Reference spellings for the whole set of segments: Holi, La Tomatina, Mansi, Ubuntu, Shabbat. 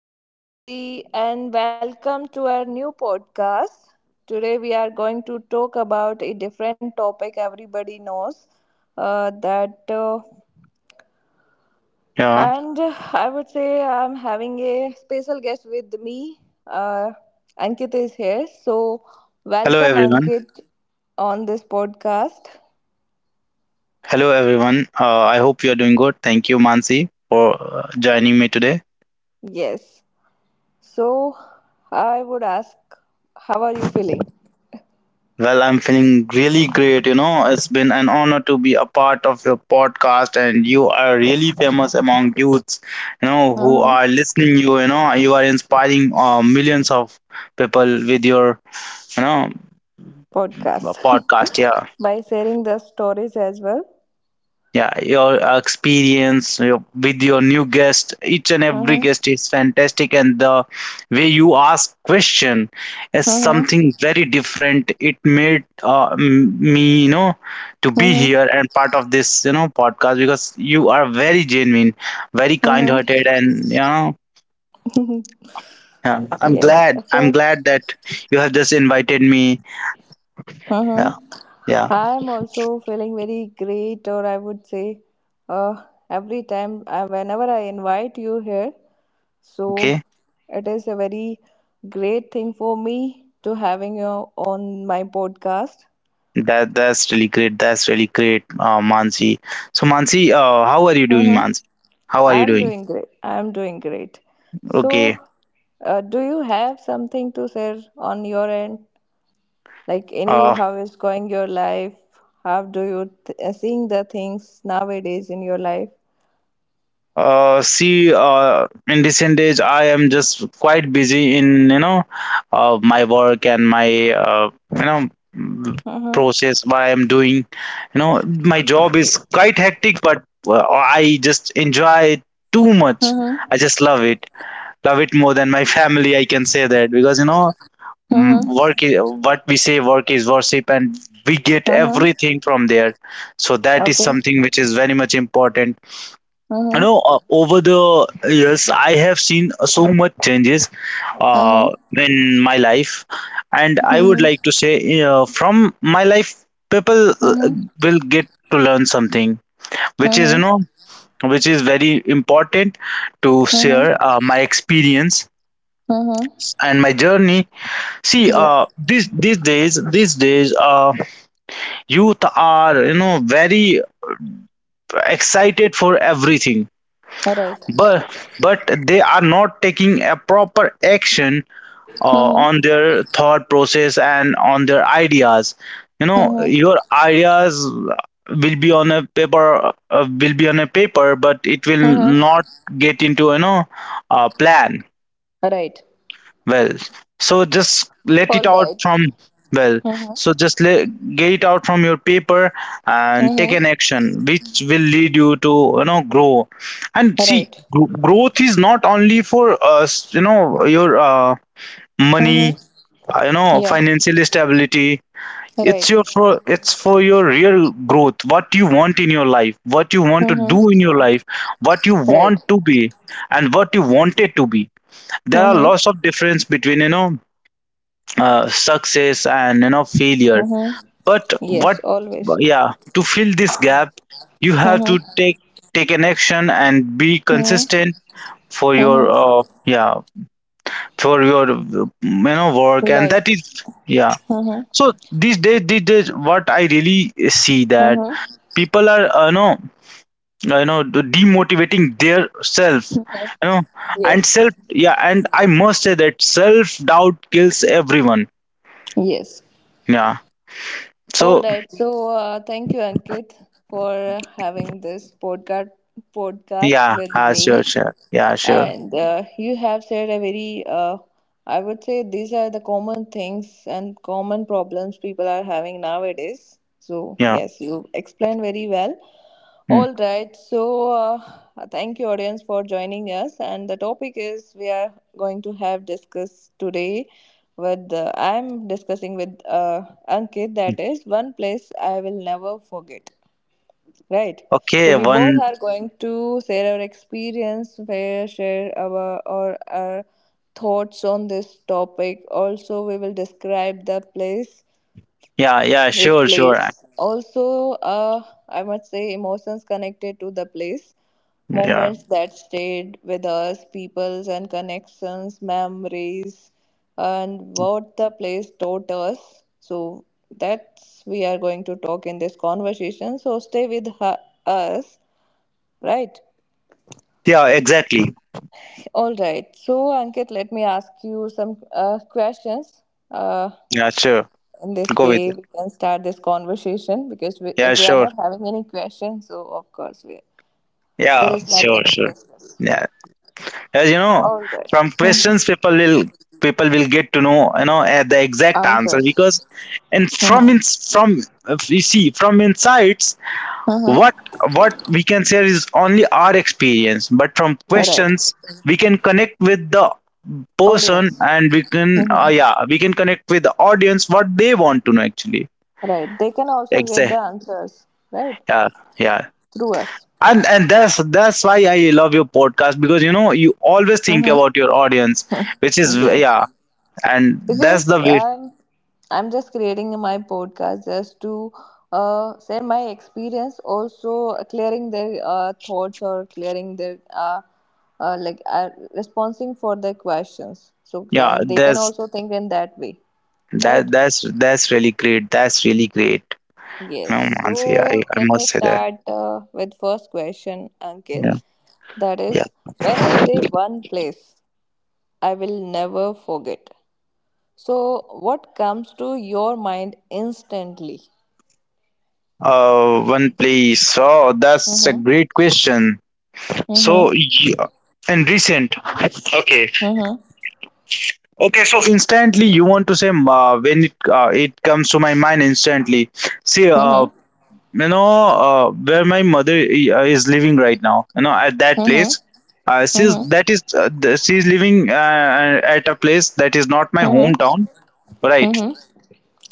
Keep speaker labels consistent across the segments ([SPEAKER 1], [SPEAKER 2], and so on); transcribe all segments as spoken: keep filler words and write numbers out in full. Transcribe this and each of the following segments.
[SPEAKER 1] I'm Ansi, and welcome to our new podcast. Today we are going to talk about a different topic everybody knows uh, that uh,
[SPEAKER 2] Yeah.
[SPEAKER 1] and I would say I'm having a special guest with me. Uh, Ankit is here. So
[SPEAKER 2] Hello,
[SPEAKER 1] welcome
[SPEAKER 2] everyone.
[SPEAKER 1] Ankit on this podcast.
[SPEAKER 2] Hello, everyone. Uh, I hope you are doing good. Thank you, Mansi, for uh, joining me today.
[SPEAKER 1] Yes. So I would ask, how are you feeling?
[SPEAKER 2] Well, I'm feeling really great. You know, it's been an honor to be a part of your podcast, and you are really famous among youths. You know, who
[SPEAKER 1] Uh-huh.
[SPEAKER 2] are listening. You, you know, you are inspiring uh, millions of people with your, you know,
[SPEAKER 1] Podcast.
[SPEAKER 2] podcast. Yeah.
[SPEAKER 1] By sharing the stories as well.
[SPEAKER 2] Yeah, your uh, experience, your, with your new guest, each and
[SPEAKER 1] Uh
[SPEAKER 2] every guest
[SPEAKER 1] huh.
[SPEAKER 2] is fantastic, and the way you ask question is
[SPEAKER 1] Uh huh.
[SPEAKER 2] something very different. It made uh, m- me, you know, to
[SPEAKER 1] Uh
[SPEAKER 2] be here
[SPEAKER 1] huh.
[SPEAKER 2] and part of this, you know, podcast, because you are very genuine, very kind
[SPEAKER 1] Uh
[SPEAKER 2] hearted, and you know.
[SPEAKER 1] huh.
[SPEAKER 2] Yeah, i'm
[SPEAKER 1] Yes.
[SPEAKER 2] glad i'm
[SPEAKER 1] So
[SPEAKER 2] glad that you have just invited me.
[SPEAKER 1] Uh huh.
[SPEAKER 2] Yeah. Yeah.
[SPEAKER 1] I'm also feeling very great, or I would say, uh, every time, uh, whenever I invite you here.
[SPEAKER 2] Okay.
[SPEAKER 1] So it is a very great thing for me to having you on my podcast.
[SPEAKER 2] That that's really great. That's really great, uh, Mansi. So Mansi, uh, how are you doing,
[SPEAKER 1] Uh-huh.
[SPEAKER 2] Mansi? How are you
[SPEAKER 1] I'm
[SPEAKER 2] doing?
[SPEAKER 1] doing great. I'm doing great. So,
[SPEAKER 2] Okay.
[SPEAKER 1] uh, do you have something to share on your end? Like any,
[SPEAKER 2] Uh,
[SPEAKER 1] how is going your life? How do you th- uh, seeing the things nowadays in your life?
[SPEAKER 2] uh, see, uh, in recent days, I am just quite busy in, you know, uh, my work and my uh, you know mm,
[SPEAKER 1] Mm-hmm.
[SPEAKER 2] process. What I am doing, you know, my job is quite hectic, but uh, I just enjoy it too much.
[SPEAKER 1] Mm-hmm.
[SPEAKER 2] I just love it. Love it more than my family. I can say that because you know, Mm, work
[SPEAKER 1] Mm-hmm.
[SPEAKER 2] is, what we say, work is worship, and we get
[SPEAKER 1] Mm-hmm.
[SPEAKER 2] everything from there. So that is
[SPEAKER 1] Okay.
[SPEAKER 2] something which is very much important, you
[SPEAKER 1] Mm-hmm.
[SPEAKER 2] know. Uh, over the years I have seen so much changes uh,
[SPEAKER 1] Mm-hmm.
[SPEAKER 2] in my life, and I would like
[SPEAKER 1] Mm-hmm.
[SPEAKER 2] to say, uh, from my life people uh,
[SPEAKER 1] Mm-hmm.
[SPEAKER 2] will get to learn something which is, you
[SPEAKER 1] Mm-hmm.
[SPEAKER 2] know, which is very important to share,
[SPEAKER 1] Mm-hmm.
[SPEAKER 2] uh, my experience
[SPEAKER 1] Mm-hmm.
[SPEAKER 2] and my journey. See,
[SPEAKER 1] Yeah.
[SPEAKER 2] uh, these these days, these days, uh, youth are, you know, very excited for everything,
[SPEAKER 1] Right.
[SPEAKER 2] but but they are not taking a proper action uh,
[SPEAKER 1] Mm-hmm.
[SPEAKER 2] on their thought process and on their ideas. You know,
[SPEAKER 1] Mm-hmm.
[SPEAKER 2] your ideas will be on a paper, uh, will be on a paper, but it will
[SPEAKER 1] Mm-hmm.
[SPEAKER 2] not get into, you know, a plan.
[SPEAKER 1] Right.
[SPEAKER 2] Well, so just let it
[SPEAKER 1] All
[SPEAKER 2] out
[SPEAKER 1] right.
[SPEAKER 2] from well,
[SPEAKER 1] Mm-hmm.
[SPEAKER 2] so just let, get it out from your paper and take
[SPEAKER 1] Mm-hmm.
[SPEAKER 2] an action which will lead you to, you know, grow. And see,
[SPEAKER 1] Right.
[SPEAKER 2] gro- growth is not only for us, you know, your uh,
[SPEAKER 1] Mm-hmm.
[SPEAKER 2] money, uh, you know,
[SPEAKER 1] Yeah.
[SPEAKER 2] financial stability. It's
[SPEAKER 1] Right.
[SPEAKER 2] your for it's for your real growth. What you want in your life, what you want to do in
[SPEAKER 1] Mm-hmm.
[SPEAKER 2] your life, what you
[SPEAKER 1] Right.
[SPEAKER 2] want to be, and what you wanted to be. There are
[SPEAKER 1] Mm-hmm.
[SPEAKER 2] lots of difference between, you know, uh, success and, you know, failure,
[SPEAKER 1] Mm-hmm.
[SPEAKER 2] but
[SPEAKER 1] Yes,
[SPEAKER 2] what.
[SPEAKER 1] always.
[SPEAKER 2] Yeah, to fill this gap you have to
[SPEAKER 1] Mm-hmm.
[SPEAKER 2] take take an action and be
[SPEAKER 1] Mm-hmm.
[SPEAKER 2] consistent for your,
[SPEAKER 1] Mm-hmm.
[SPEAKER 2] uh, yeah, for your, you know, work, and
[SPEAKER 1] Life.
[SPEAKER 2] that is, yeah.
[SPEAKER 1] Mm-hmm.
[SPEAKER 2] So these days these days what I really see that
[SPEAKER 1] Mm-hmm.
[SPEAKER 2] people are, uh, know you know, demotivating their self, you know, and
[SPEAKER 1] Yes.
[SPEAKER 2] self yeah, and I must say that self doubt kills everyone.
[SPEAKER 1] Yes.
[SPEAKER 2] Yeah.
[SPEAKER 1] All
[SPEAKER 2] So.
[SPEAKER 1] right. So uh, thank you, Ankit, for having this podcast podcast
[SPEAKER 2] Yeah,
[SPEAKER 1] with
[SPEAKER 2] uh,
[SPEAKER 1] me.
[SPEAKER 2] sure, sure. Yeah, sure.
[SPEAKER 1] And uh, you have said a very, uh, I would say these are the common things and common problems people are having nowadays. So,
[SPEAKER 2] Yeah.
[SPEAKER 1] yes, you explained very well.
[SPEAKER 2] Mm.
[SPEAKER 1] All right. So, uh, thank you, audience, for joining us. And the topic is we are going to have discussed today with, uh, I'm discussing with uh, Ankit, that is one place I will never forget. Right. So
[SPEAKER 2] Okay,
[SPEAKER 1] we both
[SPEAKER 2] one.
[SPEAKER 1] are going to share our experience, where share our or our thoughts on this topic. Also, we will describe the place,
[SPEAKER 2] Yeah, yeah,
[SPEAKER 1] which
[SPEAKER 2] sure, sure. uh,
[SPEAKER 1] place also, uh, I must say, emotions connected to the place,
[SPEAKER 2] Yeah,
[SPEAKER 1] moments that stayed with us peoples, and connections, memories, and what the place taught us. So that's we are going to talk in this conversation, so stay with hu- us. Right.
[SPEAKER 2] yeah, exactly.
[SPEAKER 1] All right. So Ankit, let me ask you some uh, questions, uh,
[SPEAKER 2] Yeah, sure.
[SPEAKER 1] in this
[SPEAKER 2] Go with
[SPEAKER 1] way
[SPEAKER 2] it.
[SPEAKER 1] we can start this conversation, because we,
[SPEAKER 2] Yeah,
[SPEAKER 1] if we are
[SPEAKER 2] sure.
[SPEAKER 1] not having any questions, so of course we there
[SPEAKER 2] Yeah,
[SPEAKER 1] is
[SPEAKER 2] sure,
[SPEAKER 1] nothing to
[SPEAKER 2] sure.
[SPEAKER 1] discuss.
[SPEAKER 2] Yeah, as you know,
[SPEAKER 1] All right.
[SPEAKER 2] from
[SPEAKER 1] Mm-hmm.
[SPEAKER 2] questions people will people will get to know, you know, uh, the exact answer,
[SPEAKER 1] Answers.
[SPEAKER 2] because and from
[SPEAKER 1] Mm-hmm.
[SPEAKER 2] ins from if you see from insights, what
[SPEAKER 1] Mm-hmm.
[SPEAKER 2] what we can share is only our experience, but from
[SPEAKER 1] Right.
[SPEAKER 2] questions we can connect with the person,
[SPEAKER 1] Audience.
[SPEAKER 2] and we can,
[SPEAKER 1] Mm-hmm.
[SPEAKER 2] uh, yeah we can connect with the audience, what they want to know actually.
[SPEAKER 1] Right, they can also get the
[SPEAKER 2] Exactly.
[SPEAKER 1] answers, right,
[SPEAKER 2] Yeah. Yeah.
[SPEAKER 1] through us.
[SPEAKER 2] And and that's that's why I love your podcast, because you know, you always think
[SPEAKER 1] Mm-hmm.
[SPEAKER 2] about your audience, which is, yeah,
[SPEAKER 1] Yes,
[SPEAKER 2] and that's the
[SPEAKER 1] because
[SPEAKER 2] way.
[SPEAKER 1] I'm I'm just creating my podcast just to uh, share my experience, also clearing their uh, thoughts, or clearing their uh, uh, like uh, responding for their questions. So
[SPEAKER 2] Yeah,
[SPEAKER 1] and they can
[SPEAKER 2] that's,
[SPEAKER 1] also think in that way,
[SPEAKER 2] that
[SPEAKER 1] right?
[SPEAKER 2] that's that's really great. That's really great. No
[SPEAKER 1] Yes.
[SPEAKER 2] Mansi, i
[SPEAKER 1] So
[SPEAKER 2] i
[SPEAKER 1] let me
[SPEAKER 2] must say that.
[SPEAKER 1] start uh, with first question, Ankit.
[SPEAKER 2] Yeah.
[SPEAKER 1] That
[SPEAKER 2] Yeah.
[SPEAKER 1] is, when I say one place, I will never forget, so what comes to your mind instantly?
[SPEAKER 2] Uh one place. Oh, that's a
[SPEAKER 1] Mm-hmm.
[SPEAKER 2] great question.
[SPEAKER 1] Mm-hmm.
[SPEAKER 2] So yeah, in recent okay,
[SPEAKER 1] Mm-hmm.
[SPEAKER 2] okay, so instantly you want to say, uh, when it uh, it comes to my mind instantly. See, uh,
[SPEAKER 1] Mm-hmm.
[SPEAKER 2] you know uh, where my mother i- uh, is living right now. You know, at that
[SPEAKER 1] Mm-hmm.
[SPEAKER 2] place, uh, she's
[SPEAKER 1] Mm-hmm.
[SPEAKER 2] that is uh, the- she's living uh, at a place that is not my hometown,
[SPEAKER 1] Mm-hmm.
[SPEAKER 2] right?
[SPEAKER 1] Mm-hmm.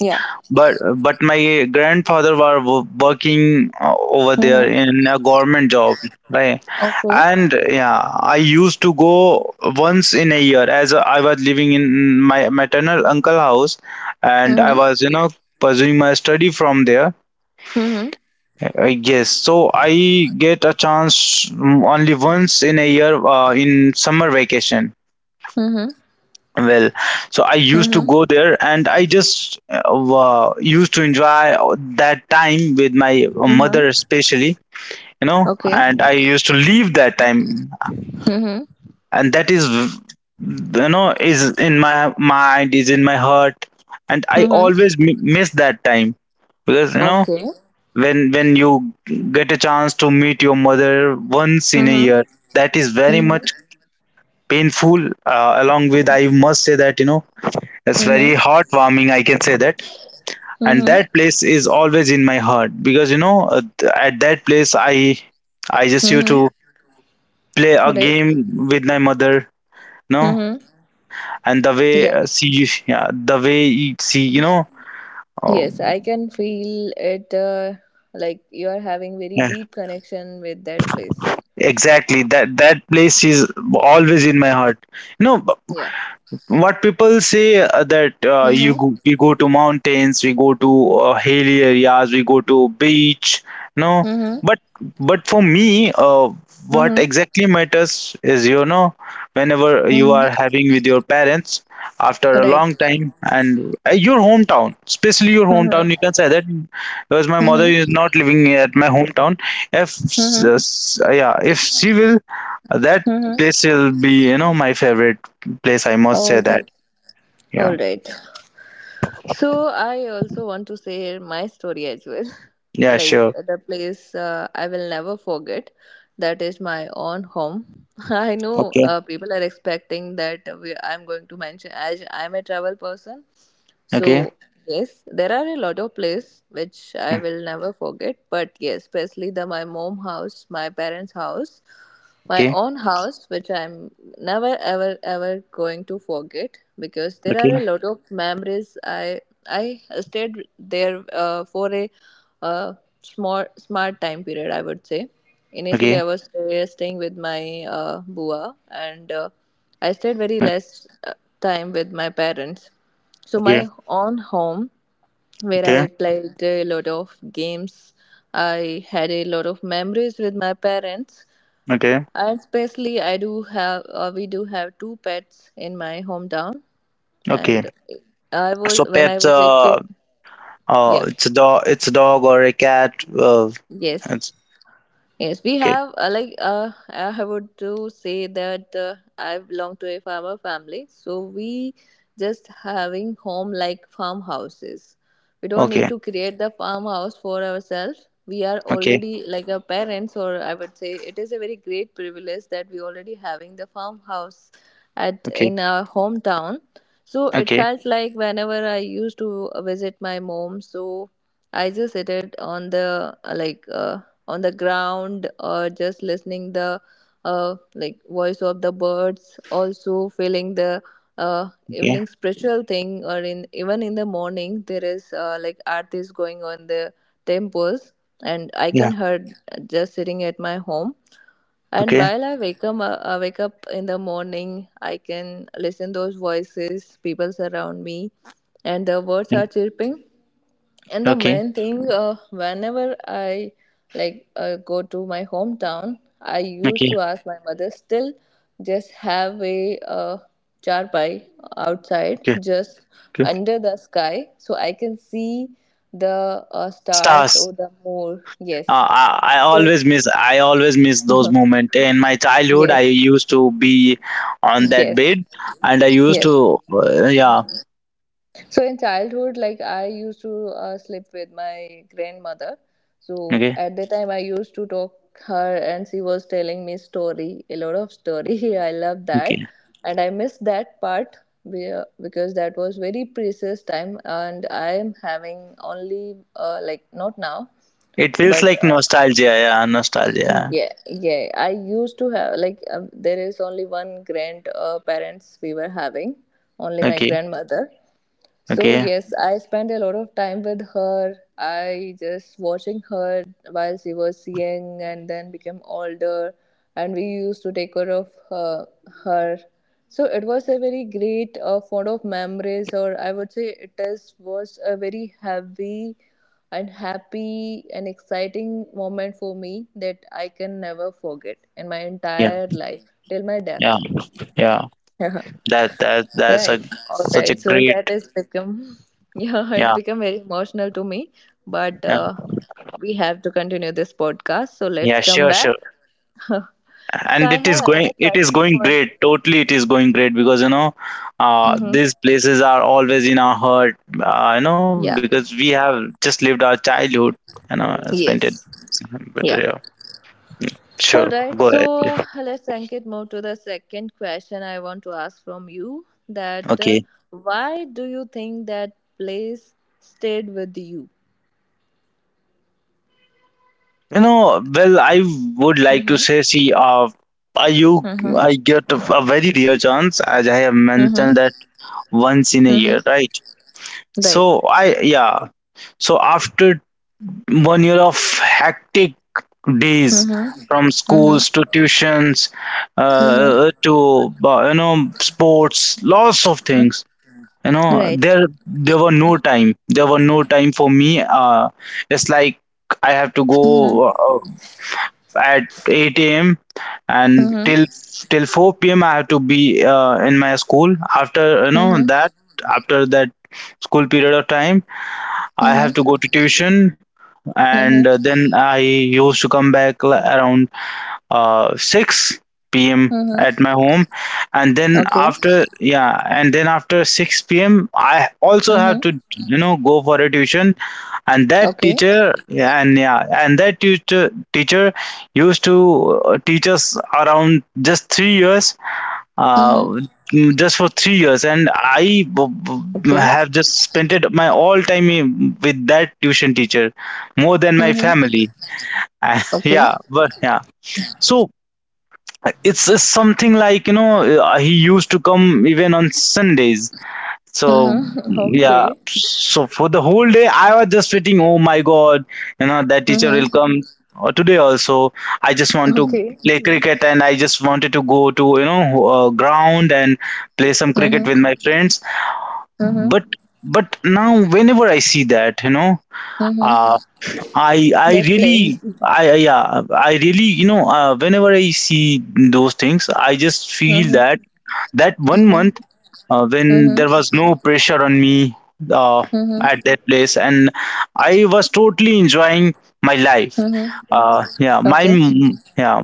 [SPEAKER 1] Yeah.
[SPEAKER 2] But but my grandfather were wo- working uh, over there
[SPEAKER 1] Mm-hmm.
[SPEAKER 2] in a government job, right?
[SPEAKER 1] Okay.
[SPEAKER 2] And yeah, I used to go once in a year, as I was living in my maternal uncle house, and I
[SPEAKER 1] Mm-hmm.
[SPEAKER 2] was, you know, pursuing my study from there.
[SPEAKER 1] Mm-hmm.
[SPEAKER 2] Uh, yes, so I get a chance mm, only once in a year uh, in summer vacation.
[SPEAKER 1] Mm-hmm.
[SPEAKER 2] Well, so I used to
[SPEAKER 1] Mm-hmm.
[SPEAKER 2] go there, and I just uh, wa- used to enjoy that time with my mother,
[SPEAKER 1] Mm-hmm.
[SPEAKER 2] especially, you know,
[SPEAKER 1] Okay.
[SPEAKER 2] and I used to leave that time,
[SPEAKER 1] Mm-hmm.
[SPEAKER 2] and that is, you know, is in my mind, is in my heart, and I
[SPEAKER 1] Mm-hmm.
[SPEAKER 2] always m- miss that time, because you know,
[SPEAKER 1] Okay.
[SPEAKER 2] when when you get a chance to meet your mother once in a
[SPEAKER 1] Mm-hmm.
[SPEAKER 2] year, that is very
[SPEAKER 1] Mm-hmm.
[SPEAKER 2] much painful. Uh, along with, I must say that, you know, it's very
[SPEAKER 1] Mm-hmm.
[SPEAKER 2] heartwarming, I can say that. And that
[SPEAKER 1] Mm-hmm.
[SPEAKER 2] place is always in my heart, because you know, uh, th- at that place, I I just used
[SPEAKER 1] Mm-hmm.
[SPEAKER 2] to play a
[SPEAKER 1] Right.
[SPEAKER 2] game with my mother, no,
[SPEAKER 1] Mm-hmm.
[SPEAKER 2] and the way
[SPEAKER 1] Yeah.
[SPEAKER 2] uh, she, yeah, the way you see, you know, uh,
[SPEAKER 1] Yes, I can feel it, uh, like you are having very
[SPEAKER 2] yeah,
[SPEAKER 1] deep connection with that place.
[SPEAKER 2] exactly, that that place is always in my heart. You know,
[SPEAKER 1] Yeah.
[SPEAKER 2] what people say, uh, that uh, you
[SPEAKER 1] Mm-hmm.
[SPEAKER 2] go, we go to mountains, we go to uh, hilly areas, we go to beach, no.
[SPEAKER 1] Mm-hmm.
[SPEAKER 2] But but for me, uh, what
[SPEAKER 1] Mm-hmm.
[SPEAKER 2] exactly matters is, you know, whenever you are
[SPEAKER 1] Mm-hmm.
[SPEAKER 2] having with your parents after a
[SPEAKER 1] Right.
[SPEAKER 2] long time, and uh, your hometown, especially your hometown,
[SPEAKER 1] Mm-hmm.
[SPEAKER 2] you can say that, because my mother is
[SPEAKER 1] Mm-hmm.
[SPEAKER 2] not living at my hometown. If s- uh,
[SPEAKER 1] Mm-hmm.
[SPEAKER 2] s- Yeah, if she will, that
[SPEAKER 1] Mm-hmm.
[SPEAKER 2] place will be, you know, my favorite place. I must say
[SPEAKER 1] All
[SPEAKER 2] that.
[SPEAKER 1] right.
[SPEAKER 2] Yeah.
[SPEAKER 1] All right. So I also want to share my story as well.
[SPEAKER 2] Yeah.
[SPEAKER 1] Like
[SPEAKER 2] Sure.
[SPEAKER 1] the place, uh, I will never forget. That is my own home. I know,
[SPEAKER 2] Okay.
[SPEAKER 1] uh, people are expecting that we, I'm going to mention as I'm a travel person.
[SPEAKER 2] Okay.
[SPEAKER 1] So yes, there are a lot of places which I will never forget. But yes, especially the my mom house, my parents' house, my
[SPEAKER 2] Okay.
[SPEAKER 1] own house, which I'm never ever ever going to forget, because there
[SPEAKER 2] Okay.
[SPEAKER 1] are a lot of memories. I I stayed there uh, for a uh, smart smart time period, I would say. Initially,
[SPEAKER 2] Okay.
[SPEAKER 1] I was uh, staying with my uh, bua, and uh, I stayed very less uh, time with my parents. So my
[SPEAKER 2] Okay.
[SPEAKER 1] own home, where
[SPEAKER 2] Okay.
[SPEAKER 1] I played a lot of games, I had a lot of memories with my parents.
[SPEAKER 2] Okay.
[SPEAKER 1] And especially, I do have uh, we do have two pets in my hometown,
[SPEAKER 2] Okay.
[SPEAKER 1] and I was
[SPEAKER 2] So
[SPEAKER 1] when I
[SPEAKER 2] pets.
[SPEAKER 1] was a
[SPEAKER 2] Uh.
[SPEAKER 1] kid. Yeah.
[SPEAKER 2] Uh. It's a dog. It's a dog or a cat. Uh.
[SPEAKER 1] Yes.
[SPEAKER 2] It's
[SPEAKER 1] Yes, we
[SPEAKER 2] okay.
[SPEAKER 1] have, uh, like uh, I would to say that, uh, I belong to a farmer family, so we just having home like farmhouses. We don't need
[SPEAKER 2] Okay.
[SPEAKER 1] to create the farmhouse for ourselves. We are
[SPEAKER 2] Okay.
[SPEAKER 1] already like our parents, or I would say it is a very great privilege that we already having the farmhouse at
[SPEAKER 2] Okay.
[SPEAKER 1] in our hometown. So it
[SPEAKER 2] Okay.
[SPEAKER 1] felt like whenever I used to visit my mom, so I just sit it on the uh, like uh, on the ground, or just listening the uh, like voice of the birds. Also feeling the uh,
[SPEAKER 2] Okay.
[SPEAKER 1] evening spiritual thing, or in even in the morning there is, uh, like art is going on the temples, and I can
[SPEAKER 2] Yeah.
[SPEAKER 1] heard just sitting at my home. And
[SPEAKER 2] Okay.
[SPEAKER 1] while I wake up, uh, I wake up in the morning, I can listen those voices, people surround me, and the birds
[SPEAKER 2] Yeah.
[SPEAKER 1] are chirping. And the
[SPEAKER 2] Okay.
[SPEAKER 1] main thing, uh, whenever I like uh, go to my hometown, I used
[SPEAKER 2] Okay.
[SPEAKER 1] to ask my mother still just have a uh, charpai outside,
[SPEAKER 2] Okay.
[SPEAKER 1] just
[SPEAKER 2] Okay.
[SPEAKER 1] under the sky, so I can see the uh, stars
[SPEAKER 2] Stars.
[SPEAKER 1] or the moon. Yes.
[SPEAKER 2] Uh, I, I
[SPEAKER 1] So
[SPEAKER 2] always miss I always miss those moments. In my childhood, I
[SPEAKER 1] yes,
[SPEAKER 2] used to be on that
[SPEAKER 1] yes,
[SPEAKER 2] bed, and I used
[SPEAKER 1] yes.
[SPEAKER 2] to, uh, yeah.
[SPEAKER 1] So in childhood, like I used to uh, sleep with my grandmother. So
[SPEAKER 2] Okay,
[SPEAKER 1] at the time, I used to talk her, and she was telling me story, a lot of story. I love that,
[SPEAKER 2] okay.
[SPEAKER 1] and I miss that part, where- because that was very precious time, and I am having only, uh, like not now,
[SPEAKER 2] It feels
[SPEAKER 1] but
[SPEAKER 2] like
[SPEAKER 1] uh,
[SPEAKER 2] nostalgia, yeah, nostalgia.
[SPEAKER 1] yeah, yeah. I used to have, like uh, there is only one grand uh, parents we were having, only my
[SPEAKER 2] Okay,
[SPEAKER 1] grandmother. So
[SPEAKER 2] okay.
[SPEAKER 1] yes, I spent a lot of time with her. I just watching her while she was young and then became older, and we used to take care of her. her. So it was a very great uh, fond of memories, or I would say it is was a very heavy and happy and exciting moment for me that I can never forget in my
[SPEAKER 2] Yeah,
[SPEAKER 1] entire life till my
[SPEAKER 2] yeah,
[SPEAKER 1] death.
[SPEAKER 2] yeah. That that that's
[SPEAKER 1] Right.
[SPEAKER 2] a
[SPEAKER 1] All
[SPEAKER 2] Such a
[SPEAKER 1] right. So
[SPEAKER 2] great,
[SPEAKER 1] that has become, yeah, it
[SPEAKER 2] yeah,
[SPEAKER 1] become very emotional to me. But
[SPEAKER 2] yeah,
[SPEAKER 1] uh, we have to continue this podcast. So let's
[SPEAKER 2] yeah,
[SPEAKER 1] come
[SPEAKER 2] sure,
[SPEAKER 1] back.
[SPEAKER 2] sure.
[SPEAKER 1] So
[SPEAKER 2] And
[SPEAKER 1] I
[SPEAKER 2] it
[SPEAKER 1] have
[SPEAKER 2] is going
[SPEAKER 1] another
[SPEAKER 2] it is
[SPEAKER 1] question
[SPEAKER 2] going
[SPEAKER 1] for you.
[SPEAKER 2] great. Totally it is going great, because you know, uh
[SPEAKER 1] Mm-hmm.
[SPEAKER 2] these places are always in our heart, uh, you know, because
[SPEAKER 1] Yeah.
[SPEAKER 2] we have just lived our childhood, you know, spent it.
[SPEAKER 1] Yes.
[SPEAKER 2] But yeah,
[SPEAKER 1] Yeah.
[SPEAKER 2] sure,
[SPEAKER 1] All
[SPEAKER 2] go
[SPEAKER 1] right.
[SPEAKER 2] ahead.
[SPEAKER 1] So
[SPEAKER 2] Yeah.
[SPEAKER 1] let's Ankit move to the second question I want to ask from you. That, uh,
[SPEAKER 2] Okay.
[SPEAKER 1] why do you think that place stayed with you?
[SPEAKER 2] You know, well, I would like to
[SPEAKER 1] Mm-hmm.
[SPEAKER 2] say, see, uh, I you
[SPEAKER 1] Mm-hmm.
[SPEAKER 2] I get a a very rare chance, as I have
[SPEAKER 1] Mm-hmm.
[SPEAKER 2] mentioned, that once in a
[SPEAKER 1] Mm-hmm.
[SPEAKER 2] year, right?
[SPEAKER 1] Right.
[SPEAKER 2] So I yeah, so after one year of hectic days,
[SPEAKER 1] Mhm.
[SPEAKER 2] from
[SPEAKER 1] Mhm.
[SPEAKER 2] schools to tuitions,
[SPEAKER 1] Mhm.
[SPEAKER 2] uh, to uh, you know, sports, lots of
[SPEAKER 1] Mhm.
[SPEAKER 2] things. You know,
[SPEAKER 1] Right.
[SPEAKER 2] there there were no time. There were no time for me. Uh, it's like I have to
[SPEAKER 1] Mhm.
[SPEAKER 2] go uh, at eight a m and
[SPEAKER 1] Mhm.
[SPEAKER 2] till till four p m. I have to be uh, in my school. After, you know,
[SPEAKER 1] Mhm.
[SPEAKER 2] that after that school period of time, I
[SPEAKER 1] Mhm.
[SPEAKER 2] have to go to tuition, and
[SPEAKER 1] Mhm.
[SPEAKER 2] uh, then I used to come back li- around uh, six p m
[SPEAKER 1] Mhm.
[SPEAKER 2] at my home, and then
[SPEAKER 1] Okay.
[SPEAKER 2] after yeah, and then after six p m. I also have to,
[SPEAKER 1] Mhm.
[SPEAKER 2] you know, go for a tuition, and that
[SPEAKER 1] Okay.
[SPEAKER 2] teacher and yeah, and that teacher teacher used to uh, teach us around just three years, uh,
[SPEAKER 1] Mhm.
[SPEAKER 2] mm, just for three years, and i b- b-
[SPEAKER 1] Okay.
[SPEAKER 2] have just spent it my all time in- with that tuition teacher, more than my
[SPEAKER 1] Mhm.
[SPEAKER 2] family.
[SPEAKER 1] Okay.
[SPEAKER 2] Yeah, but yeah, so it's, it's something like, you know, uh, he used to come even on Sundays. So
[SPEAKER 1] Mhm.
[SPEAKER 2] yeah,
[SPEAKER 1] Okay.
[SPEAKER 2] so for the whole day I was just waiting. Oh my God, you know, that teacher will
[SPEAKER 1] Mhm.
[SPEAKER 2] come. Or today also, I just want to
[SPEAKER 1] Okay.
[SPEAKER 2] play cricket, and I just wanted to go to, you know, uh, ground and play some cricket
[SPEAKER 1] Mhm.
[SPEAKER 2] with my friends.
[SPEAKER 1] Mhm.
[SPEAKER 2] But but now whenever I see that, you know,
[SPEAKER 1] Mhm.
[SPEAKER 2] uh, I I
[SPEAKER 1] That
[SPEAKER 2] really
[SPEAKER 1] place.
[SPEAKER 2] I I- yeah I really you know uh, whenever I see those things, I just feel
[SPEAKER 1] Mhm.
[SPEAKER 2] that that one
[SPEAKER 1] Mhm.
[SPEAKER 2] month uh, when
[SPEAKER 1] Mhm.
[SPEAKER 2] there was no pressure on me uh,
[SPEAKER 1] Mhm.
[SPEAKER 2] at that place, and I was totally enjoying my life
[SPEAKER 1] Mhm.
[SPEAKER 2] uh, yeah my
[SPEAKER 1] Okay.
[SPEAKER 2] m- yeah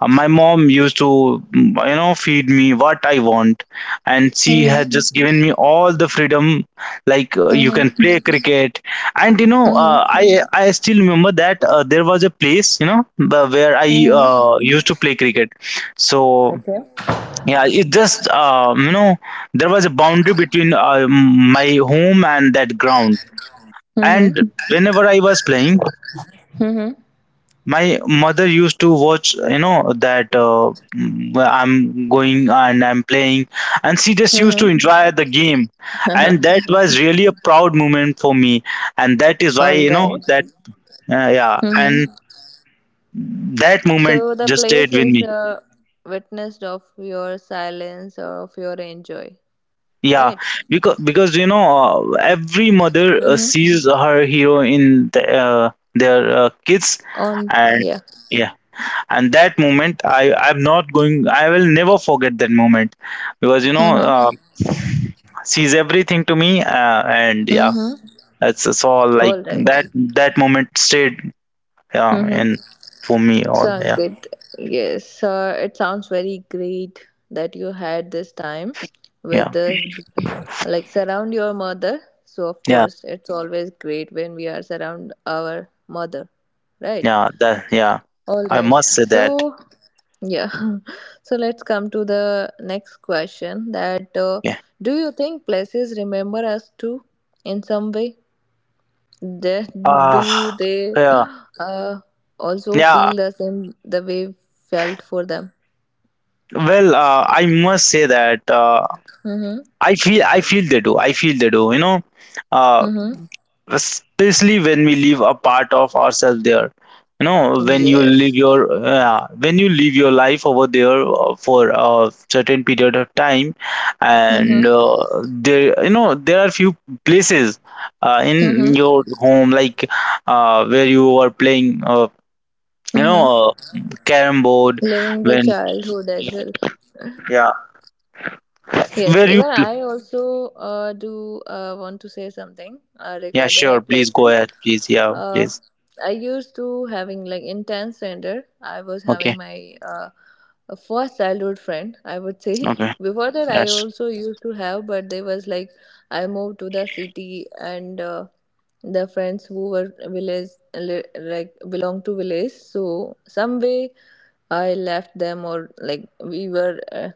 [SPEAKER 2] uh, My mom used to mm, you know feed me what I want, and she had
[SPEAKER 1] Mhm.
[SPEAKER 2] just given me all the freedom, like, uh, you can
[SPEAKER 1] Mhm.
[SPEAKER 2] play cricket. And you know uh,
[SPEAKER 1] Mhm.
[SPEAKER 2] i i still remember that uh, there was a place, you know, the- where I
[SPEAKER 1] Mhm.
[SPEAKER 2] uh, used to play cricket. So
[SPEAKER 1] Okay.
[SPEAKER 2] yeah, it just uh, you know there was a boundary between uh, my home and that ground.
[SPEAKER 1] Mhm.
[SPEAKER 2] And whenever I was playing,
[SPEAKER 1] Mhm.
[SPEAKER 2] my mother used to watch, you know, that uh, mm, I'm going and I'm playing, and she just used to
[SPEAKER 1] Mhm.
[SPEAKER 2] enjoy the game, and that was really a proud moment for me, and that is why
[SPEAKER 1] All
[SPEAKER 2] you know
[SPEAKER 1] right.
[SPEAKER 2] that uh, yeah,
[SPEAKER 1] Mm-hmm.
[SPEAKER 2] and that moment
[SPEAKER 1] So the
[SPEAKER 2] just stayed
[SPEAKER 1] place
[SPEAKER 2] with
[SPEAKER 1] is
[SPEAKER 2] me.
[SPEAKER 1] a witness of your silence or of your enjoy,
[SPEAKER 2] Yeah,
[SPEAKER 1] right?
[SPEAKER 2] because because you know uh, every mother uh,
[SPEAKER 1] Mm-hmm.
[SPEAKER 2] sees her hero in the, uh, their uh, kids,
[SPEAKER 1] On
[SPEAKER 2] and
[SPEAKER 1] yeah.
[SPEAKER 2] yeah, and that moment I I'm not going I will never forget that moment, because you know uh,
[SPEAKER 1] Mm-hmm.
[SPEAKER 2] she's everything to me, uh, and yeah,
[SPEAKER 1] Mm-hmm.
[SPEAKER 2] that's, that's all. Like
[SPEAKER 1] All right.
[SPEAKER 2] that that moment stayed, yeah,
[SPEAKER 1] Mm-hmm.
[SPEAKER 2] and for me
[SPEAKER 1] So
[SPEAKER 2] all, yeah,
[SPEAKER 1] Ankit, yes, uh, it sounds very great that you had this time with
[SPEAKER 2] yeah,
[SPEAKER 1] the like surround your mother. So of
[SPEAKER 2] yeah,
[SPEAKER 1] course, it's always great when we are surround our mother, right?
[SPEAKER 2] yeah, that, yeah.
[SPEAKER 1] All
[SPEAKER 2] I
[SPEAKER 1] right.
[SPEAKER 2] must say
[SPEAKER 1] So
[SPEAKER 2] that.
[SPEAKER 1] Yeah. So let's come to the next question, that uh,
[SPEAKER 2] Yeah.
[SPEAKER 1] do you think places remember us too in some way? That
[SPEAKER 2] Ah,
[SPEAKER 1] do they,
[SPEAKER 2] yeah,
[SPEAKER 1] uh, also
[SPEAKER 2] yeah.
[SPEAKER 1] feel the same the way we felt for them?
[SPEAKER 2] Well, uh, I must say that, uh,
[SPEAKER 1] Mm-hmm.
[SPEAKER 2] I feel, I feel they do. I feel they do. You know, uh,
[SPEAKER 1] Mm-hmm.
[SPEAKER 2] especially when we leave a part of ourselves there. You know, when you live
[SPEAKER 1] Yes.
[SPEAKER 2] your uh, when you live your life over there uh, for a certain period of time, and
[SPEAKER 1] Mm-hmm.
[SPEAKER 2] uh, there, you know, there are few places uh, in
[SPEAKER 1] Mm-hmm.
[SPEAKER 2] your home, like uh, where you were playing, uh, you know
[SPEAKER 1] Mm-hmm.
[SPEAKER 2] uh, carrom board.
[SPEAKER 1] Living their
[SPEAKER 2] When
[SPEAKER 1] childhood as well.
[SPEAKER 2] yeah,
[SPEAKER 1] Yes,
[SPEAKER 2] where you.
[SPEAKER 1] even I also uh, do uh, want to say something uh,
[SPEAKER 2] Yeah,
[SPEAKER 1] regarding our
[SPEAKER 2] sure. Please go
[SPEAKER 1] places.
[SPEAKER 2] ahead. Please. Yeah,
[SPEAKER 1] Uh,
[SPEAKER 2] please.
[SPEAKER 1] I used to having like in tenth standard, I was having
[SPEAKER 2] Okay.
[SPEAKER 1] my uh, a first childhood friend, I would say.
[SPEAKER 2] Okay.
[SPEAKER 1] Before that, I
[SPEAKER 2] That's
[SPEAKER 1] also used to have, but there was like I moved to the city, and uh, the friends who were village li- like belong to village, so some way I left them, or like we were uh,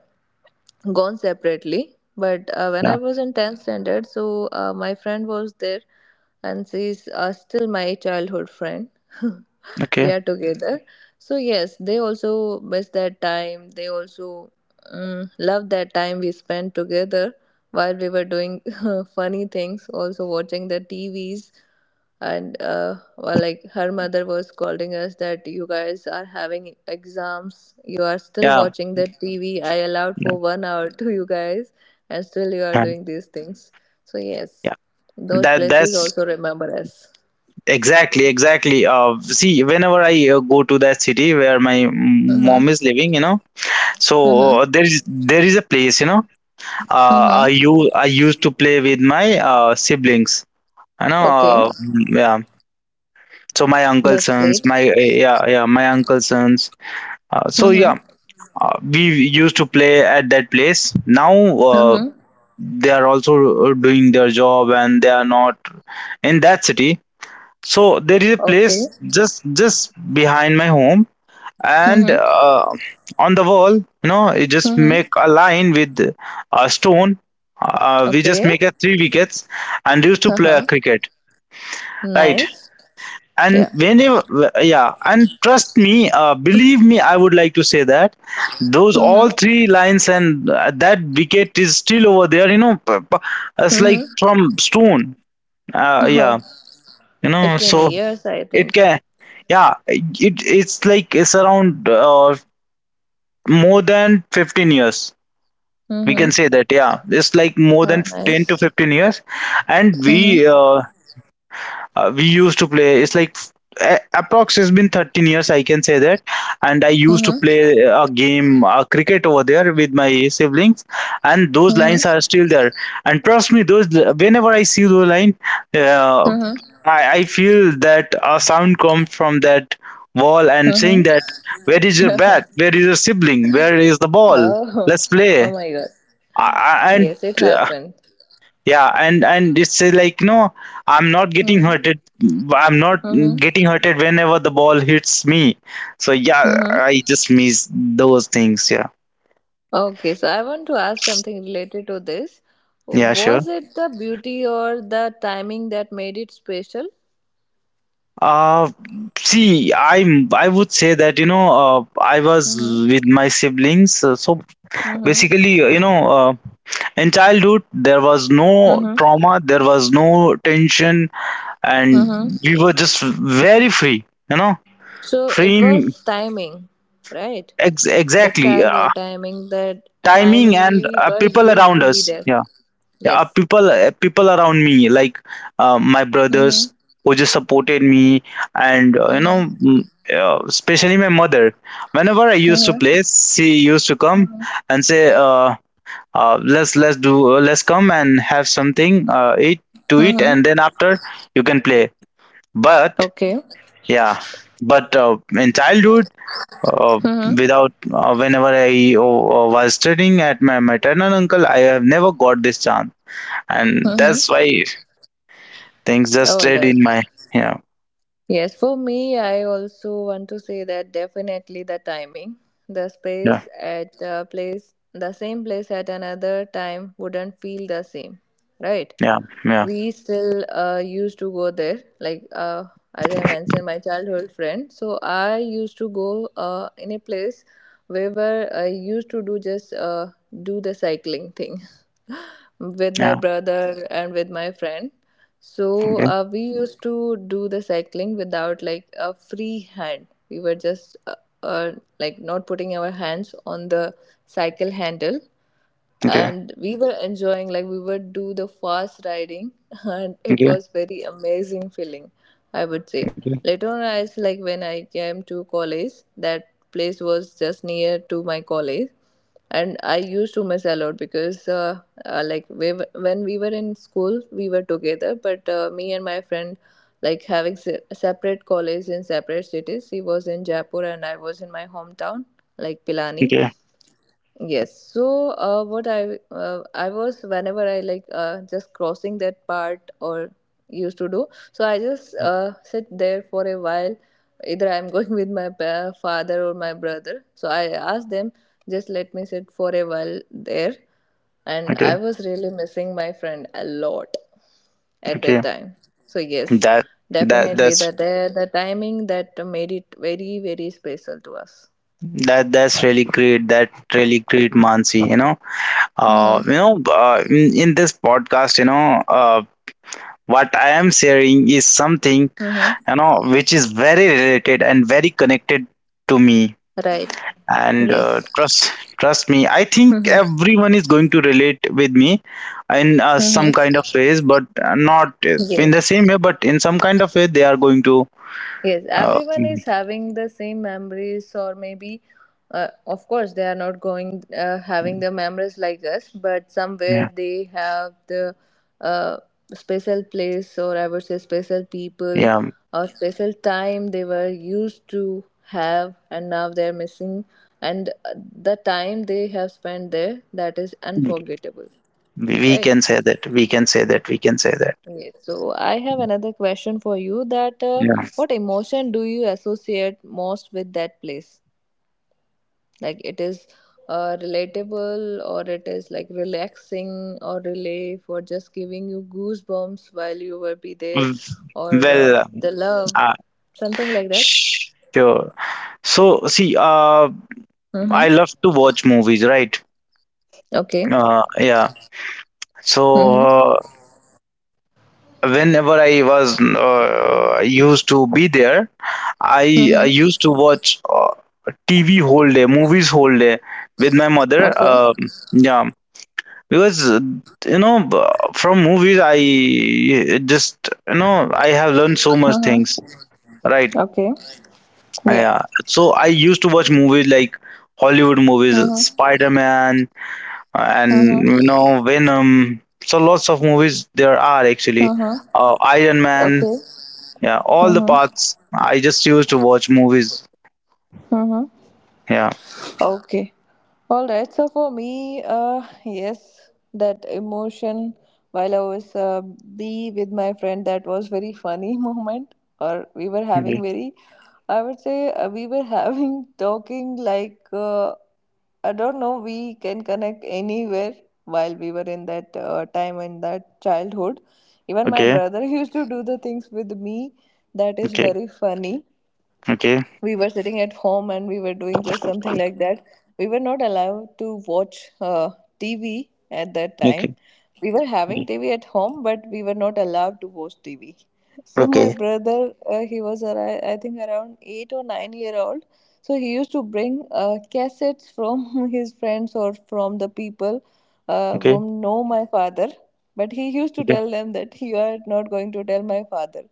[SPEAKER 1] gone separately. But uh, when I
[SPEAKER 2] yeah.
[SPEAKER 1] was in tenth standard, so uh, my friend was there, and she's uh, still my childhood friend. We
[SPEAKER 2] Okay.
[SPEAKER 1] are together. So yes, they also miss that time. They also um, love that time we spent together while we were doing funny things, also watching the tvs. And uh, well, like her mother was calling us that, you guys are having exams, you are still
[SPEAKER 2] Yeah.
[SPEAKER 1] watching the tv, I allowed
[SPEAKER 2] Yeah.
[SPEAKER 1] for one hour to you guys, and still you are
[SPEAKER 2] And
[SPEAKER 1] doing these things. So yes,
[SPEAKER 2] yeah.
[SPEAKER 1] those
[SPEAKER 2] That
[SPEAKER 1] places
[SPEAKER 2] that's
[SPEAKER 1] also remember us.
[SPEAKER 2] exactly exactly. Uh, see, whenever I uh, go to that city where my
[SPEAKER 1] Mm-hmm.
[SPEAKER 2] mom is living, you know,
[SPEAKER 1] Mm-hmm.
[SPEAKER 2] so uh, there is there is a place, you know. Uh,
[SPEAKER 1] Mm-hmm.
[SPEAKER 2] I you I used to play with my uh siblings. You know.
[SPEAKER 1] Okay.
[SPEAKER 2] Uh, yeah. So my uncle
[SPEAKER 1] That's
[SPEAKER 2] sons,
[SPEAKER 1] great.
[SPEAKER 2] my uh, yeah yeah my uncle sons. Uh, so
[SPEAKER 1] Mm-hmm.
[SPEAKER 2] yeah, uh, we used to play at that place. Now uh,
[SPEAKER 1] Mm-hmm.
[SPEAKER 2] they are also uh, doing their job, and they are not in that city. So there is a
[SPEAKER 1] Okay.
[SPEAKER 2] place just just behind my home, and
[SPEAKER 1] Mm-hmm.
[SPEAKER 2] uh, on the wall, you know, you just
[SPEAKER 1] Mm-hmm.
[SPEAKER 2] make a line with a stone. Uh, we just
[SPEAKER 1] Okay.
[SPEAKER 2] make a three wickets and used to play
[SPEAKER 1] Uh-huh.
[SPEAKER 2] cricket, right?
[SPEAKER 1] Nice.
[SPEAKER 2] And
[SPEAKER 1] Yeah.
[SPEAKER 2] whenever, yeah, and trust me, uh, believe me, I would like to say that those all
[SPEAKER 1] Mm-hmm.
[SPEAKER 2] three lines and uh, that wicket is still over there, you know. P- p- it's like
[SPEAKER 1] Mm-hmm.
[SPEAKER 2] from stone, uh,
[SPEAKER 1] Oh,
[SPEAKER 2] yeah you
[SPEAKER 1] it's
[SPEAKER 2] know
[SPEAKER 1] been
[SPEAKER 2] so
[SPEAKER 1] years, I
[SPEAKER 2] it
[SPEAKER 1] think.
[SPEAKER 2] can, yeah, it it's like it's around uh, more than fifteen years, we can
[SPEAKER 1] Mm-hmm.
[SPEAKER 2] say that. Yeah, it's like more than
[SPEAKER 1] Oh,
[SPEAKER 2] ten to
[SPEAKER 1] nice.
[SPEAKER 2] fifteen years, and we
[SPEAKER 1] Mm-hmm.
[SPEAKER 2] uh, uh, we used to play. It's like a- approx has been thirteen years, I can say that. And I used to play
[SPEAKER 1] Mm-hmm.
[SPEAKER 2] a game, a cricket, over there with my siblings, and those lines are
[SPEAKER 1] Mm-hmm.
[SPEAKER 2] still there. And trust me, those whenever I see those line, uh,
[SPEAKER 1] Mm-hmm.
[SPEAKER 2] I, I feel that a sound comes from that wall and
[SPEAKER 1] Mm-hmm.
[SPEAKER 2] saying that where is your bat, where is your sibling, where is the ball,
[SPEAKER 1] Oh.
[SPEAKER 2] let's
[SPEAKER 1] Oh
[SPEAKER 2] play.
[SPEAKER 1] my God.
[SPEAKER 2] I, I- and
[SPEAKER 1] Yes, it happened.
[SPEAKER 2] yeah, and and it's, uh, like, no, I'm not getting
[SPEAKER 1] Mm-hmm.
[SPEAKER 2] hurted, I'm not
[SPEAKER 1] Mm-hmm.
[SPEAKER 2] getting hurted whenever the ball hits me. So yeah,
[SPEAKER 1] Mm-hmm.
[SPEAKER 2] I just miss those things. Yeah.
[SPEAKER 1] Okay, so I want to ask something related to this.
[SPEAKER 2] Yeah, sure.
[SPEAKER 1] Was it the beauty or the timing that made it special?
[SPEAKER 2] uh See, I'm, I would say that, you know uh, I was
[SPEAKER 1] Mm-hmm.
[SPEAKER 2] with my siblings, uh, so
[SPEAKER 1] Mm-hmm.
[SPEAKER 2] basically, uh, you know uh, in childhood there was no
[SPEAKER 1] Mm-hmm.
[SPEAKER 2] trauma, there was no tension, and
[SPEAKER 1] Mm-hmm.
[SPEAKER 2] we were just very free, you know.
[SPEAKER 1] So it
[SPEAKER 2] Free.
[SPEAKER 1] was timing, right?
[SPEAKER 2] Ex-
[SPEAKER 1] The
[SPEAKER 2] exactly. Uh,
[SPEAKER 1] childhood timing, the
[SPEAKER 2] timing
[SPEAKER 1] timing
[SPEAKER 2] and
[SPEAKER 1] we
[SPEAKER 2] uh,
[SPEAKER 1] were
[SPEAKER 2] people
[SPEAKER 1] used
[SPEAKER 2] around
[SPEAKER 1] to be
[SPEAKER 2] us,
[SPEAKER 1] there.
[SPEAKER 2] yeah. Yeah, uh,
[SPEAKER 1] Yes.
[SPEAKER 2] people uh, people around me, like, uh, my
[SPEAKER 1] Mm-hmm.
[SPEAKER 2] brothers who just supported me. And uh, you know
[SPEAKER 1] Mm-hmm.
[SPEAKER 2] mm, uh, especially my mother, whenever I used to play
[SPEAKER 1] Mm-hmm.
[SPEAKER 2] she used to come
[SPEAKER 1] Mm-hmm.
[SPEAKER 2] and say, uh, uh, let's let's do, uh, let's come and have something uh, eat to eat,
[SPEAKER 1] Mm-hmm.
[SPEAKER 2] and then after you can play. But
[SPEAKER 1] Okay.
[SPEAKER 2] yeah, but uh, in childhood, uh,
[SPEAKER 1] Mm-hmm.
[SPEAKER 2] without uh, whenever I uh, uh, was studying at my maternal uncle, I have never got this chance, and
[SPEAKER 1] Mm-hmm.
[SPEAKER 2] that's why things just
[SPEAKER 1] All
[SPEAKER 2] stayed
[SPEAKER 1] right.
[SPEAKER 2] in my, yeah.
[SPEAKER 1] Yes, for me, I also want to say that definitely the timing. The
[SPEAKER 2] Yeah,
[SPEAKER 1] space at a place, the same place at another time wouldn't feel the same, right?
[SPEAKER 2] yeah, yeah,
[SPEAKER 1] We still uh, used to go there, like uh, as I mentioned, my childhood friend. So I used to go uh, in a place where I used to do just uh, do the cycling thing with my
[SPEAKER 2] yeah.
[SPEAKER 1] brother and with my friend. So
[SPEAKER 2] Okay.
[SPEAKER 1] uh, we used to do the cycling without like a free hand. We were just uh, uh, like not putting our hands on the cycle handle,
[SPEAKER 2] Okay,
[SPEAKER 1] and we were enjoying like we would do the fast riding and it
[SPEAKER 2] okay,
[SPEAKER 1] was very amazing feeling, I would say.
[SPEAKER 2] okay,
[SPEAKER 1] Later on, as like when I came to college, that place was just near to my college and I used to miss a lot because uh, uh, like we, were- when we were in school we were together, but uh, me and my friend like having se- separate college in separate cities. She was in Jaipur and I was in my hometown, like Pilani.
[SPEAKER 2] okay,
[SPEAKER 1] Yes. So, uh, what I uh, I was whenever I like uh, just crossing that part or used to do. So I just uh, sit there for a while. Either I'm going with my pa- father or my brother. So I asked them, just let me sit for a while there. And
[SPEAKER 2] okay,
[SPEAKER 1] I was really missing my friend a lot at that
[SPEAKER 2] okay,
[SPEAKER 1] time. So yes,
[SPEAKER 2] that that
[SPEAKER 1] definitely
[SPEAKER 2] that's
[SPEAKER 1] the the, the timing that made it very, very special to us.
[SPEAKER 2] that that's really great, that really great, Mansi. You know, uh
[SPEAKER 1] Mm-hmm.
[SPEAKER 2] you know, uh, in, in this podcast, you know, uh what I am sharing is something,
[SPEAKER 1] Mm-hmm.
[SPEAKER 2] you know, which is very related and very connected to me.
[SPEAKER 1] Right.
[SPEAKER 2] And uh,
[SPEAKER 1] Yes.
[SPEAKER 2] trust, trust me, I think
[SPEAKER 1] Mm-hmm.
[SPEAKER 2] everyone is going to relate with me in uh, some kind
[SPEAKER 1] Mm-hmm.
[SPEAKER 2] of ways, but uh, not uh, in the same
[SPEAKER 1] Yes.
[SPEAKER 2] way, but in some kind of way they are going to,
[SPEAKER 1] Yes.
[SPEAKER 2] uh,
[SPEAKER 1] Everyone
[SPEAKER 2] mm,
[SPEAKER 1] is having the same memories, or maybe, uh, of course, they are not going uh, having the memories like us, but somewhere
[SPEAKER 2] yeah,
[SPEAKER 1] they have the uh, special place, or I would say, special people,
[SPEAKER 2] yeah.
[SPEAKER 1] or special time they were used to have, and now they're missing. And uh, the time they have spent there, that is unforgettable,
[SPEAKER 2] We we
[SPEAKER 1] right?
[SPEAKER 2] can say that, we can say that, we can say that.
[SPEAKER 1] Okay, so I have another question for you, that uh,
[SPEAKER 2] Yeah.
[SPEAKER 1] what emotion do you associate most with that place? Like, it is uh, relatable or it is like relaxing or relief or just giving you goosebumps while you will be there,
[SPEAKER 2] Mm.
[SPEAKER 1] or uh,
[SPEAKER 2] Well,
[SPEAKER 1] the love,
[SPEAKER 2] uh,
[SPEAKER 1] something like that.
[SPEAKER 2] sure. So see, uh,
[SPEAKER 1] Mm-hmm.
[SPEAKER 2] I love to watch movies, right?
[SPEAKER 1] Okay.
[SPEAKER 2] uh, yeah, so
[SPEAKER 1] Mm-hmm.
[SPEAKER 2] uh, whenever I was uh, used to be there, I, I
[SPEAKER 1] Mm-hmm.
[SPEAKER 2] used to watch, uh, T V whole day, movies whole day with my mother.
[SPEAKER 1] Okay.
[SPEAKER 2] Um yeah, because uh, you know b- from movies I just, you know, I have learned so much things.
[SPEAKER 1] Mm-hmm.
[SPEAKER 2] Right?
[SPEAKER 1] Okay. Yeah.
[SPEAKER 2] Yeah. So I used to watch movies like Hollywood movies,
[SPEAKER 1] Mm-hmm.
[SPEAKER 2] Spider Man, and, you
[SPEAKER 1] Mm-hmm.
[SPEAKER 2] know, Venom. So lots of movies there are actually.
[SPEAKER 1] Mm-hmm.
[SPEAKER 2] Uh, Iron Man.
[SPEAKER 1] Okay.
[SPEAKER 2] Yeah, all the
[SPEAKER 1] Mm-hmm.
[SPEAKER 2] paths. I just used to watch movies.
[SPEAKER 1] Mm-hmm.
[SPEAKER 2] Yeah.
[SPEAKER 1] Okay. All right. So for me, uh, yes, that emotion while I was uh, be with my friend, that was very funny moment. Or we were having
[SPEAKER 2] Okay.
[SPEAKER 1] very, I would say uh, we were having talking like uh, I don't know. We can connect anywhere while we were in that uh, time, in that childhood. Even my
[SPEAKER 2] Okay.
[SPEAKER 1] brother used to do the things with me. That is
[SPEAKER 2] Okay.
[SPEAKER 1] very funny.
[SPEAKER 2] Okay.
[SPEAKER 1] We were sitting at home and we were doing just something like that. We were not allowed to watch uh, T V at that time.
[SPEAKER 2] Okay.
[SPEAKER 1] We were having
[SPEAKER 2] Okay.
[SPEAKER 1] T V at home, but we were not allowed to watch T V. So my
[SPEAKER 2] Okay.
[SPEAKER 1] brother, uh, he was ar- I think around eight or nine year old. So he used to bring uh, cassettes from his friends or from the people uh,
[SPEAKER 2] Okay.
[SPEAKER 1] whom know my father. But he used to
[SPEAKER 2] Okay.
[SPEAKER 1] tell them that you are not going to tell my father.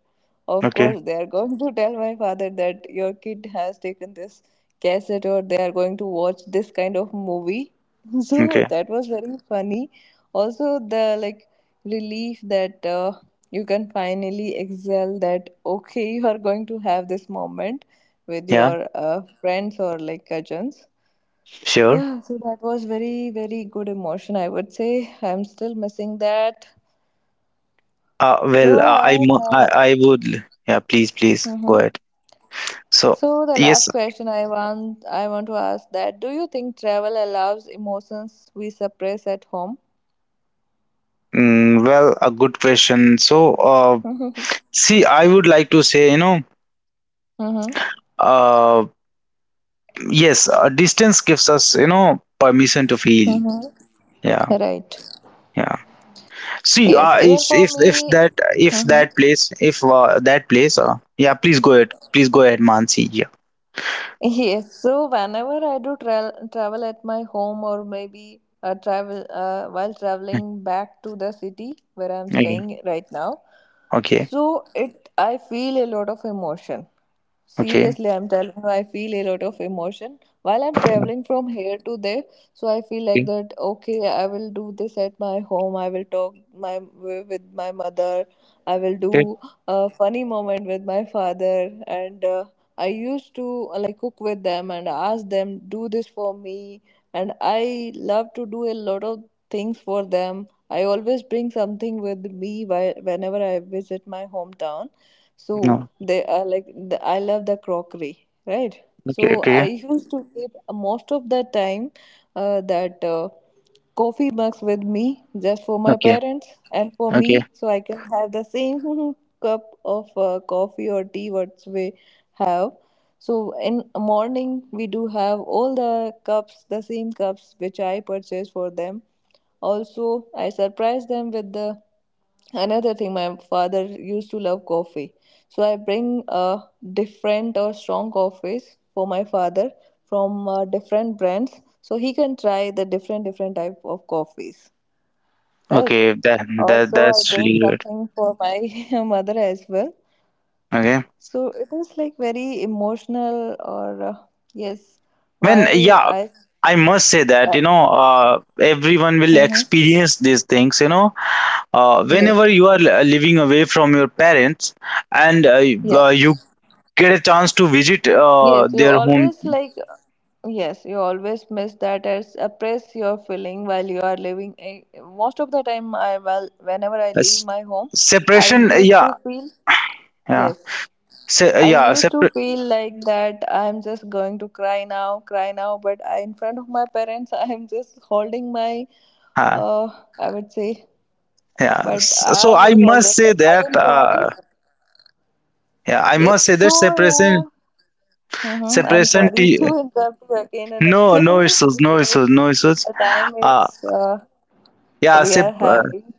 [SPEAKER 1] Of
[SPEAKER 2] Okay.
[SPEAKER 1] course, they are going to tell my father that your kid has taken this cassette, or they are going to watch this kind of movie. So
[SPEAKER 2] Okay.
[SPEAKER 1] that was very funny. Also, the like relief that uh, you can finally exhale that okay, you are going to have this moment with
[SPEAKER 2] Yeah.
[SPEAKER 1] your uh, friends or like cousins.
[SPEAKER 2] Sure.
[SPEAKER 1] Yeah, so that was very, very good emotion, I would say. I'm still missing that.
[SPEAKER 2] Uh, well,
[SPEAKER 1] So
[SPEAKER 2] uh, I,
[SPEAKER 1] I
[SPEAKER 2] mu- I
[SPEAKER 1] have.
[SPEAKER 2] I would. Yeah. Please. Please. Go
[SPEAKER 1] Uh-huh.
[SPEAKER 2] ahead. So
[SPEAKER 1] So the
[SPEAKER 2] yes.
[SPEAKER 1] last question I want I want to ask, that do you think travel allows emotions we suppress at home?
[SPEAKER 2] Mm, well, a good question. So, uh, see, I would like to say, you know,
[SPEAKER 1] Mm-hmm.
[SPEAKER 2] uh, yes, uh, distance gives us, you know, permission to feel.
[SPEAKER 1] Mm-hmm.
[SPEAKER 2] Yeah.
[SPEAKER 1] Right.
[SPEAKER 2] Yeah. See,
[SPEAKER 1] Yes.
[SPEAKER 2] uh,
[SPEAKER 1] Even
[SPEAKER 2] if
[SPEAKER 1] for
[SPEAKER 2] if if
[SPEAKER 1] me.
[SPEAKER 2] that, if
[SPEAKER 1] Mm-hmm.
[SPEAKER 2] that place, if uh, that place, uh, yeah, please go ahead. Please go ahead, Mansi. Yeah.
[SPEAKER 1] Yes, so whenever I do tra- travel at my home, or maybe uh, travel uh, while
[SPEAKER 2] Hmm.
[SPEAKER 1] traveling back to the city where I'm
[SPEAKER 2] Okay.
[SPEAKER 1] staying right now,
[SPEAKER 2] Okay.
[SPEAKER 1] so it, I feel a lot of emotion.
[SPEAKER 2] Okay.
[SPEAKER 1] Seriously, I'm telling you, I feel a lot of emotion while I'm traveling from here to there. So I feel like
[SPEAKER 2] Okay.
[SPEAKER 1] that. Okay, I will do this at my home. I will talk my with my mother. I will
[SPEAKER 2] Okay.
[SPEAKER 1] do a funny moment with my father and. Uh, I used to uh, like cook with them and ask them do this for me, and I love to do a lot of things for them. I always bring something with me whi- whenever I visit my hometown, so
[SPEAKER 2] No.
[SPEAKER 1] they are like the, I love the crockery, right?
[SPEAKER 2] Okay.
[SPEAKER 1] So I
[SPEAKER 2] Okay.
[SPEAKER 1] used to keep most of the time uh, that uh, coffee mugs with me just for my
[SPEAKER 2] Okay.
[SPEAKER 1] parents and for
[SPEAKER 2] Okay.
[SPEAKER 1] me, so I can have the same cup of uh, coffee or tea what we have. So in morning we do have all the cups, the same cups which I purchase for them. Also, I surprise them with the another thing. My father used to love coffee, so I bring uh, different or strong coffees for my father from uh, different brands, so he can try the different different type of coffees. Right.
[SPEAKER 2] Okay. That that
[SPEAKER 1] Also, I
[SPEAKER 2] that's
[SPEAKER 1] bring
[SPEAKER 2] really good.
[SPEAKER 1] something for my mother as well.
[SPEAKER 2] Okay.
[SPEAKER 1] So it is like very emotional, or uh, yes,
[SPEAKER 2] When
[SPEAKER 1] while
[SPEAKER 2] yeah,
[SPEAKER 1] I,
[SPEAKER 2] I must say that,
[SPEAKER 1] uh,
[SPEAKER 2] you know, uh, everyone will
[SPEAKER 1] mhm,
[SPEAKER 2] experience these things. You know, uh,
[SPEAKER 1] yes,
[SPEAKER 2] whenever you are uh, living away from your parents, and uh, you-
[SPEAKER 1] yeah.
[SPEAKER 2] uh, you get a chance to visit uh,
[SPEAKER 1] Yes, you
[SPEAKER 2] their home.
[SPEAKER 1] always like, yes, you always miss that as oppress your feeling while you are living. I- Most of the time, I well, whenever I leave
[SPEAKER 2] S-
[SPEAKER 1] my home, I
[SPEAKER 2] Separation,
[SPEAKER 1] used
[SPEAKER 2] yeah,
[SPEAKER 1] to feel,
[SPEAKER 2] yeah.
[SPEAKER 1] yes,
[SPEAKER 2] Se- uh,
[SPEAKER 1] I
[SPEAKER 2] yeah,
[SPEAKER 1] used to
[SPEAKER 2] separate.
[SPEAKER 1] feel like that I'm just going to cry now, cry now, but I, in front of my parents, I am just holding my,
[SPEAKER 2] uh,
[SPEAKER 1] uh, I would say,
[SPEAKER 2] yeah.
[SPEAKER 1] but
[SPEAKER 2] S-
[SPEAKER 1] I
[SPEAKER 2] so I
[SPEAKER 1] was always
[SPEAKER 2] must say
[SPEAKER 1] like, I
[SPEAKER 2] that,
[SPEAKER 1] can cry.
[SPEAKER 2] uh, yeah, I
[SPEAKER 1] Yes,
[SPEAKER 2] must say
[SPEAKER 1] so
[SPEAKER 2] that separation,
[SPEAKER 1] yeah. Mm-hmm. I'm
[SPEAKER 2] separation.
[SPEAKER 1] sorry
[SPEAKER 2] T-
[SPEAKER 1] to interrupt you again and
[SPEAKER 2] no, no
[SPEAKER 1] again
[SPEAKER 2] issues, no
[SPEAKER 1] because
[SPEAKER 2] issues, no issues.
[SPEAKER 1] the time
[SPEAKER 2] uh
[SPEAKER 1] is uh,
[SPEAKER 2] yeah
[SPEAKER 1] we are
[SPEAKER 2] sep- uh,
[SPEAKER 1] having.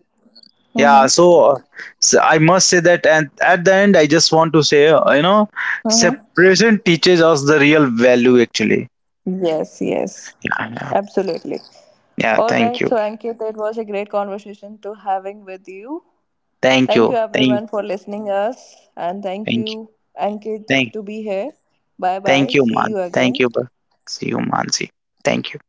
[SPEAKER 2] yeah,
[SPEAKER 1] Mm-hmm.
[SPEAKER 2] so, uh, so i I must say that, and at the end I just want to say, uh, you know,
[SPEAKER 1] Mm-hmm.
[SPEAKER 2] separation teaches us the real value, actually.
[SPEAKER 1] Yes, yes,
[SPEAKER 2] Yeah, yeah,
[SPEAKER 1] absolutely.
[SPEAKER 2] yeah.
[SPEAKER 1] All
[SPEAKER 2] Thank
[SPEAKER 1] right,
[SPEAKER 2] you.
[SPEAKER 1] so Ankit, it was a great conversation to having with you.
[SPEAKER 2] Thank
[SPEAKER 1] Thank you
[SPEAKER 2] you. Thank,
[SPEAKER 1] everyone for listening us, and thank
[SPEAKER 2] thank you.
[SPEAKER 1] you Ankit
[SPEAKER 2] Thank.
[SPEAKER 1] to be here. Bye bye.
[SPEAKER 2] Thank you,
[SPEAKER 1] See
[SPEAKER 2] man.
[SPEAKER 1] you
[SPEAKER 2] Thank
[SPEAKER 1] again.
[SPEAKER 2] you. See you, Mansi. Thank you.